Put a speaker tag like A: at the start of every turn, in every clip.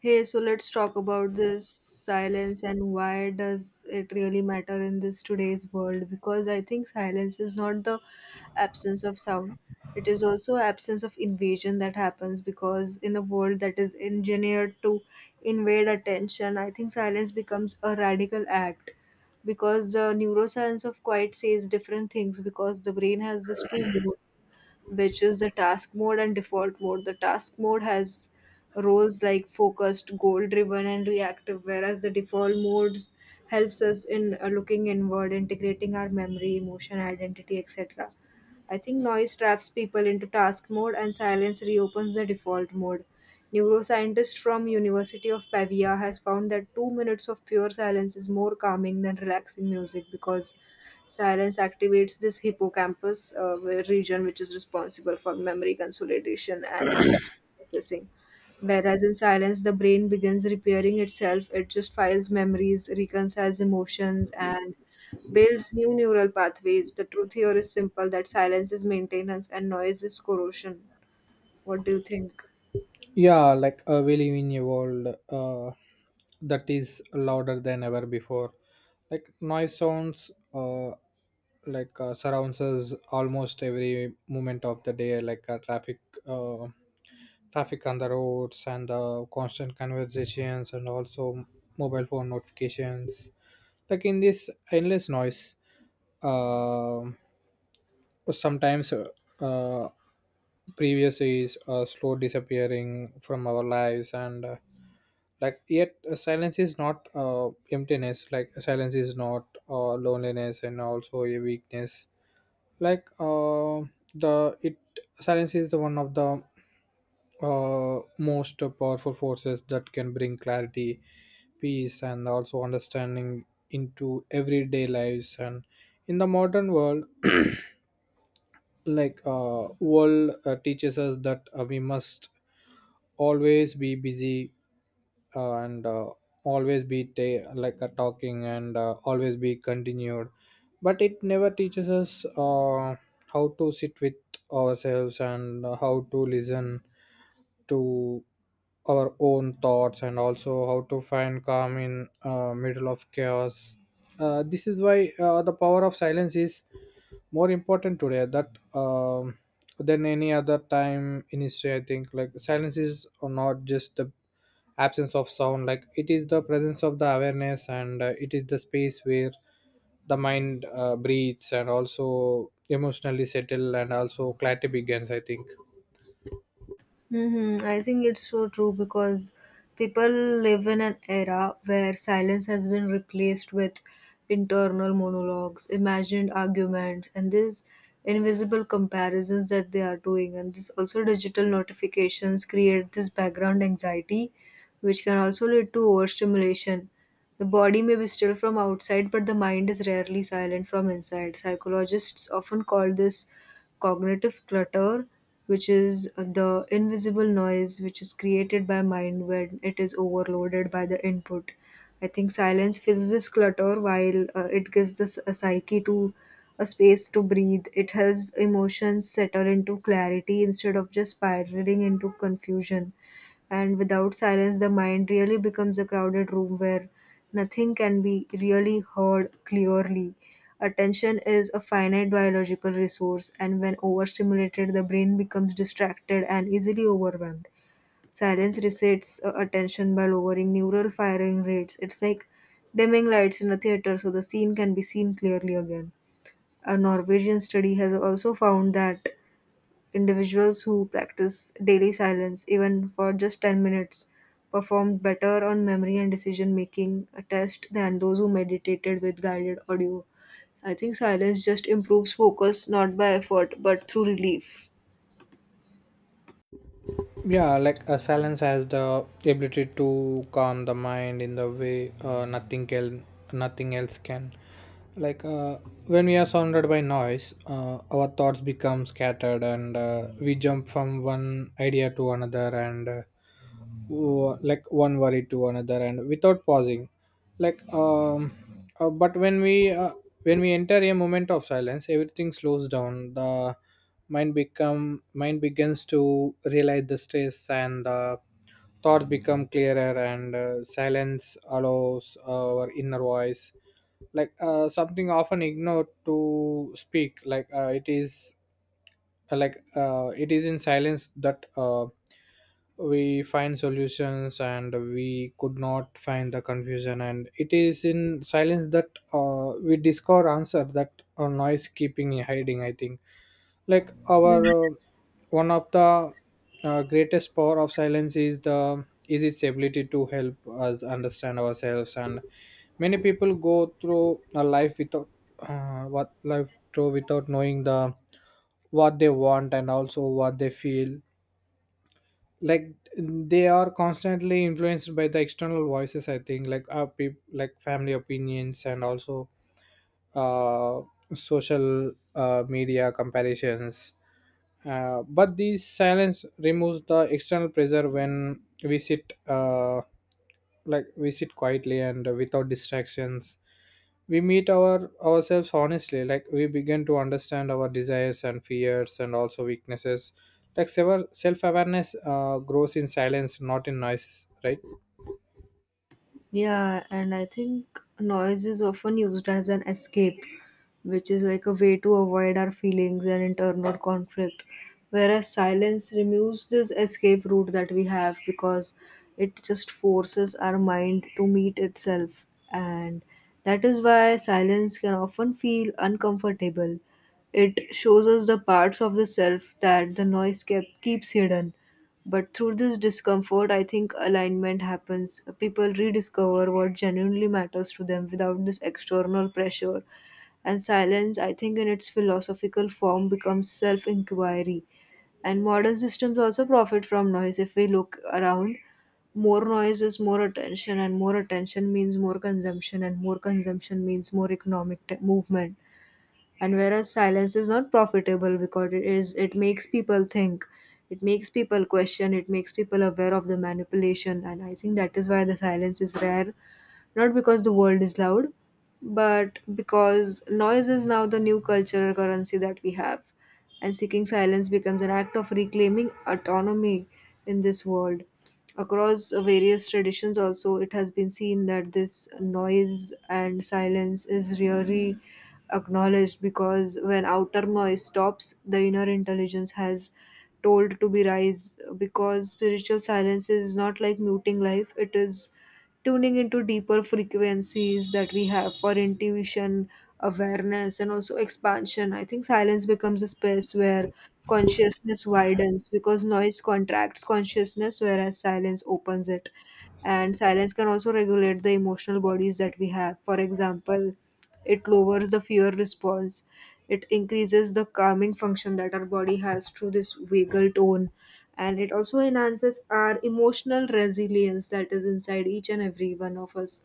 A: Hey, so let's talk about this silence and why does it really matter in this today's world? Because I think silence is not the absence of sound. It is also absence of invasion that happens because in a world that is engineered to invade attention, I think silence becomes a radical act because the neuroscience of quiet says different things because the brain has this two modes which is the task mode and default mode. The task mode has roles like focused, goal driven, and reactive, whereas the default modes helps us in looking inward, integrating our memory, emotion, identity, etc. I think noise traps people into task mode and silence reopens the default mode. Neuroscientist from University of Pavia has found that 2 minutes of pure silence is more calming than relaxing music because silence activates this hippocampus region, which is responsible for memory consolidation and emotional processing. Whereas in silence, the brain begins repairing itself. It just files memories, reconciles emotions, and builds new neural pathways. The truth here is simple that silence is maintenance and noise is corrosion. What do you think?
B: Yeah, we live in a world that is louder than ever before. Noise sounds surrounds us almost every moment of the day, traffic, uh, traffic on the roads, and the constant conversations, and also mobile phone notifications. In this endless noise, um sometimes uh, previous is slow disappearing from our lives, and like yet silence is not emptiness. Silence is not loneliness and also a weakness. Like the it Silence is the one of the most powerful forces that can bring clarity, peace, and also understanding into everyday lives. And in the modern world, world teaches us that we must always be busy, and always be talking, and always be continued, but it never teaches us how to sit with ourselves, and how to listen to our own thoughts, and also how to find calm in middle of chaos. This is why the power of silence is more important today that um, than any other time in history, I think. Silence is not just the absence of sound, it is the presence of the awareness, and it is the space where the mind breathes, and also emotionally settle, and also clarity begins, I think.
A: Mm-hmm. I think it's so true because people live in an era where silence has been replaced with internal monologues, imagined arguments, and these invisible comparisons that they are doing. And this also digital notifications create this background anxiety, which can also lead to overstimulation. The body may be still from outside, but the mind is rarely silent from inside. Psychologists often call this cognitive clutter, which is the invisible noise which is created by mind when it is overloaded by the input. I think silence fills this clutter while it gives this a psyche to a space to breathe. It helps emotions settle into clarity instead of just spiraling into confusion. And without silence, the mind really becomes a crowded room where nothing can be really heard clearly. Attention is a finite biological resource, and when overstimulated, the brain becomes distracted and easily overwhelmed. Silence resets attention by lowering neural firing rates. It's like dimming lights in a theater so the scene can be seen clearly again. A Norwegian study has also found that individuals who practice daily silence, even for just 10 minutes, performed better on memory and decision making tests than those who meditated with guided audio. I think silence just improves focus not by effort but through relief.
B: Yeah, a silence has the ability to calm the mind in the way nothing else can. Like uh, when we are surrounded by noise, our thoughts become scattered, and we jump from one idea to another, and one worry to another, and without pausing. Like um uh, but when we enter a moment of silence, everything slows down. The mind begins to realize the stress, and the thoughts become clearer, and silence allows our inner voice, something often ignored, to speak. It is in silence that we find solutions, and we could not find the confusion, and it is in silence that we discover answer that noise keeping hiding, I think. Like our One of the greatest power of silence is the is its ability to help us understand ourselves, and many people go through a life without what life throw without knowing the what they want, and also what they feel. They are constantly influenced by the external voices, I think, like family opinions and also uh, social media comparisons. But these silence removes the external pressure. When we sit quietly and without distractions, we meet our ourselves honestly. We begin to understand our desires and fears and also weaknesses. Self awareness grows in silence, not in noise, right?
A: Yeah, and I think noise is often used as an escape, which is like a way to avoid our feelings and internal conflict. Whereas silence removes this escape route that we have because it just forces our mind to meet itself. And that is why silence can often feel uncomfortable. It shows us the parts of the self that the keeps hidden. But through this discomfort, I think alignment happens. People rediscover what genuinely matters to them without this external pressure, and silence, I think, in its philosophical form becomes self inquiry. And modern systems also profit from noise. If we look around, more noise is more attention, and more attention means more consumption, and more consumption means more economic movement. And whereas silence is not profitable because it makes people think, it makes people question, it makes people aware of the manipulation, and I think that is why the silence is rare not because the world is loud, but because noise is now the new cultural currency that we have. And seeking silence becomes an act of reclaiming autonomy in this world. Across various traditions, also, it has been seen that this noise and silence is really acknowledged because when outer noise stops, the inner intelligence has told to be rise because spiritual silence is not like muting life, it is tuning into deeper frequencies that we have for intuition, awareness, and also expansion. I think silence becomes a space where consciousness widens because noise contracts consciousness, whereas silence opens it. And silence can also regulate the emotional bodies that we have. For example, it lowers the fear response. It increases the calming function that our body has through this vagal tone. And it also enhances our emotional resilience that is inside each and every one of us.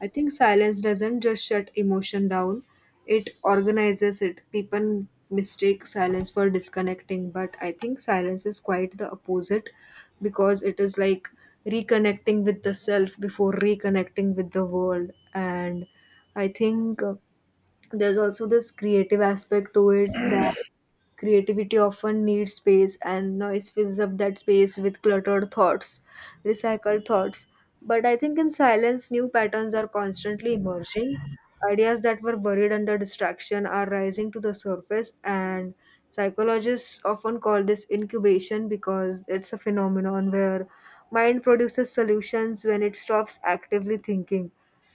A: I think silence doesn't just shut emotion down, it organizes it. People mistake silence for disconnecting, but I think silence is quite the opposite because it is like reconnecting with the self before reconnecting with the world. And I think there's also this creative aspect to it that creativity often needs space and noise fills up that space with cluttered thoughts, recycled thoughts. But I think in silence new patterns are constantly emerging, ideas that were buried under distraction are rising to the surface, and psychologists often call this incubation because it's a phenomenon where mind produces solutions when it stops actively thinking.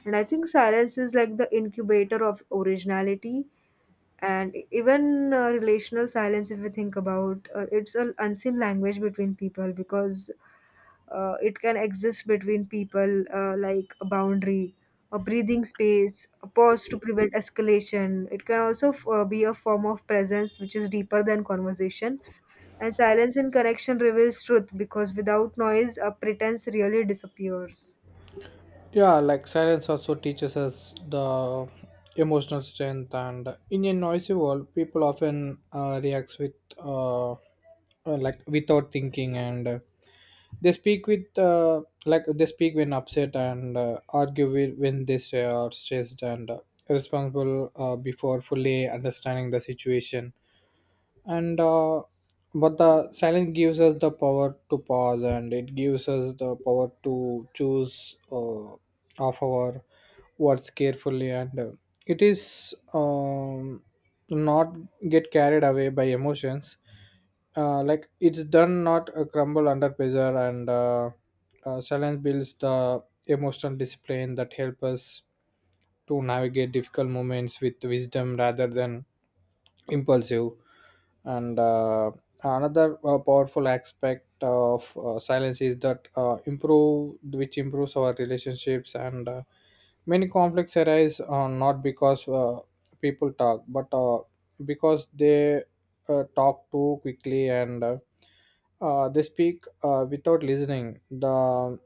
A: And I think silence is like the incubator of originality. And even relational silence, if we think about it's an unseen language between people because it can exist between people like a boundary, a breathing space, a pause to prevent escalation. It can also be a form of presence which is deeper than conversation. And silence in connection reveals truth because without noise, a pretense really disappears.
B: Yeah, silence also teaches us the emotional strength. And in a noisy world, people often react with uh, uh, without thinking, and they speak with they speak when upset, and argue with when they say are stressed, and responsible before fully understanding the situation. And uh, but the silence gives us the power to pause, and it gives us the power to choose of our words carefully, and it is not get carried away by emotions. It's done not crumble under pressure. And Silence builds the emotional discipline that help us to navigate difficult moments with wisdom rather than impulsive. And Another powerful aspect of silence is that improves our relationships. And Many conflicts arise not because people talk, but because they talk too quickly, and they speak without listening the.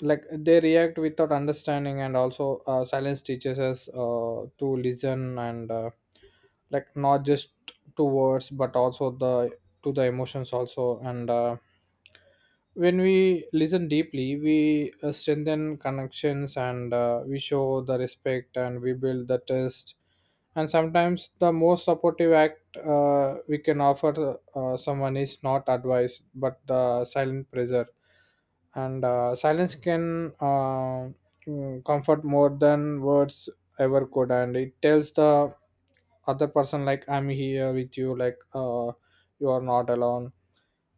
B: They react without understanding, and also silence teaches us to listen, and not just to words, but also the to the emotions also. And When we listen deeply, we strengthen connections, and we show the respect, and we build the trust. And sometimes the most supportive act we can offer someone is not advice, but the silent pressure. And Silence can comfort more than words ever could, and it tells the other person, I'm here with you, you are not alone.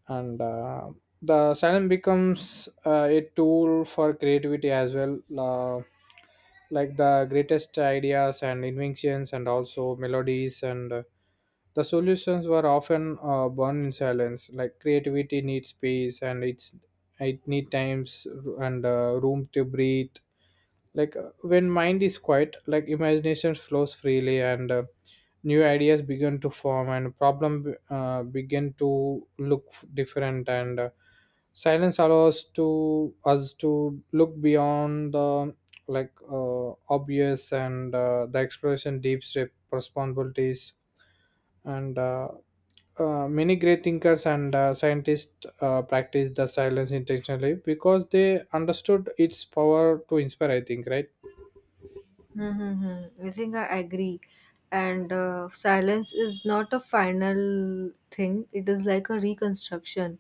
B: And the Silence becomes a tool for creativity as well. uh, the greatest ideas and inventions and also melodies, and the solutions were often born in silence. Creativity needs space, and it need times and room to breathe. When mind is quiet, imagination flows freely, and new ideas begin to form, and problem begin to look different. And Silence allows to us to look beyond the obvious, and the exploration deep step responsibilities. And Many great thinkers and scientists practiced the silence intentionally because they understood its power to inspire, I think, right?
A: Mm-hmm. I think I agree. And silence is not a final thing, it is like a reconstruction.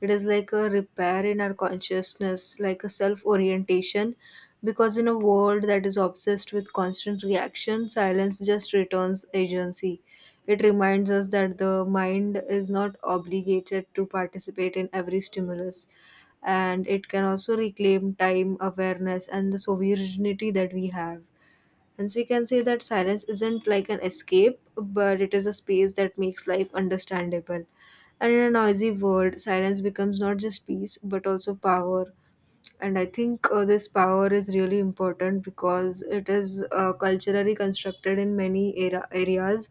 A: It is like a repair in our consciousness, like a self orientation. Because in a world that is obsessed with constant reaction, silence just returns agency. It reminds us that the mind is not obligated to participate in every stimulus. And it can also reclaim time, awareness, and the sovereignty that we have. Hence, we can say that silence isn't like an escape, but it is a space that makes life understandable. And in a noisy world, silence becomes not just peace, but also power, and I think this power is really important because it is culturally constructed in many areas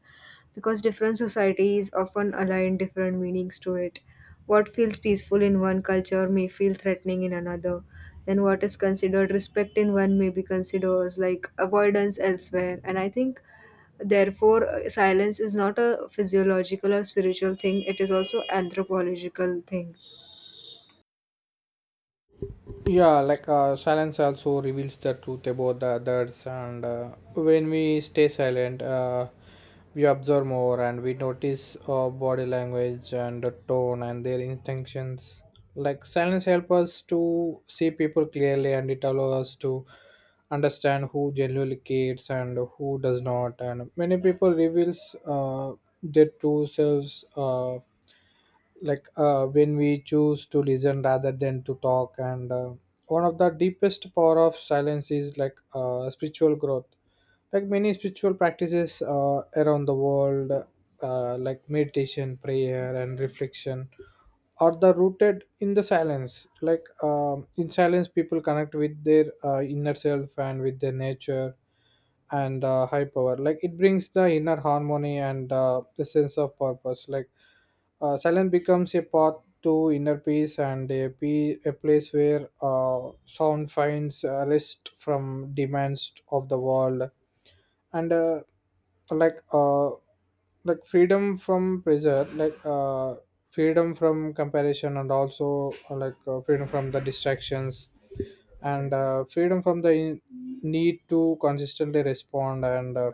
A: because different societies often align different meanings to it. What feels peaceful in one culture may feel threatening in another. Then what is considered respect in one may be considered as like avoidance elsewhere. And I think therefore silence is not a physiological or spiritual thing; it is also anthropological thing.
B: Yeah, silence also reveals the truth about the others. And When we stay silent, we observe more, and we notice body language and the tone and their intentions. Like silence helps us to see people clearly, and it allows us to understand who genuinely cares and who does not. And many people reveals that too serves when we choose to listen rather than to talk. And One of the deepest power of silence is spiritual growth. Many spiritual practices around the world, meditation, prayer, and reflection, or the rooted in the silence. In silence, people connect with their inner self and with their nature, and high power. It brings the inner harmony and the sense of purpose. Silence becomes a path to inner peace, and a place where sound finds rest from demands of the world. And uh, like uh, like freedom from pressure, freedom from comparison, and also freedom from the distractions, and freedom from the need to consistently respond. And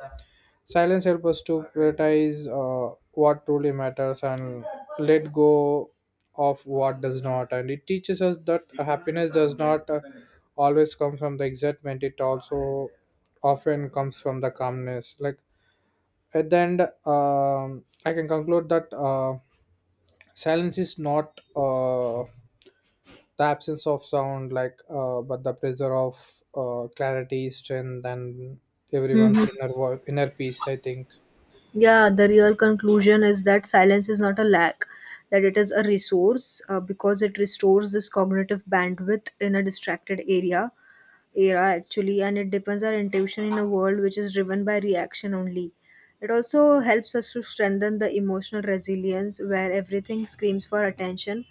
B: Silence helps us to prioritize what truly matters and let go of what does not. And it teaches us that happiness does not always come from the excitement, it also often comes from the calmness. Like at the end, I can conclude that silence is not the absence of sound, but the pressure of clarity, strength, and everyone's
A: Hmm.
B: inner peace, I think.
A: Yeah, the real conclusion is that silence is not a lack, that it is a resource because it restores this cognitive bandwidth in a distracted area era actually, and it depends our intuition in a world which is driven by reaction only. It also helps us to strengthen the emotional resilience where everything screams for attention,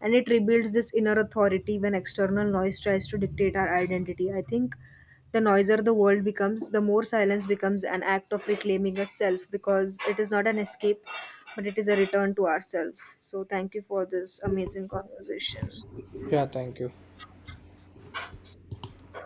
A: and it rebuilds this inner authority when external noise tries to dictate our identity. I think the noisier the world becomes the more silence becomes an act of reclaiming a self because it is not an escape but it is a return to ourselves. So thank you for this amazing conversation.
B: Yeah, thank you.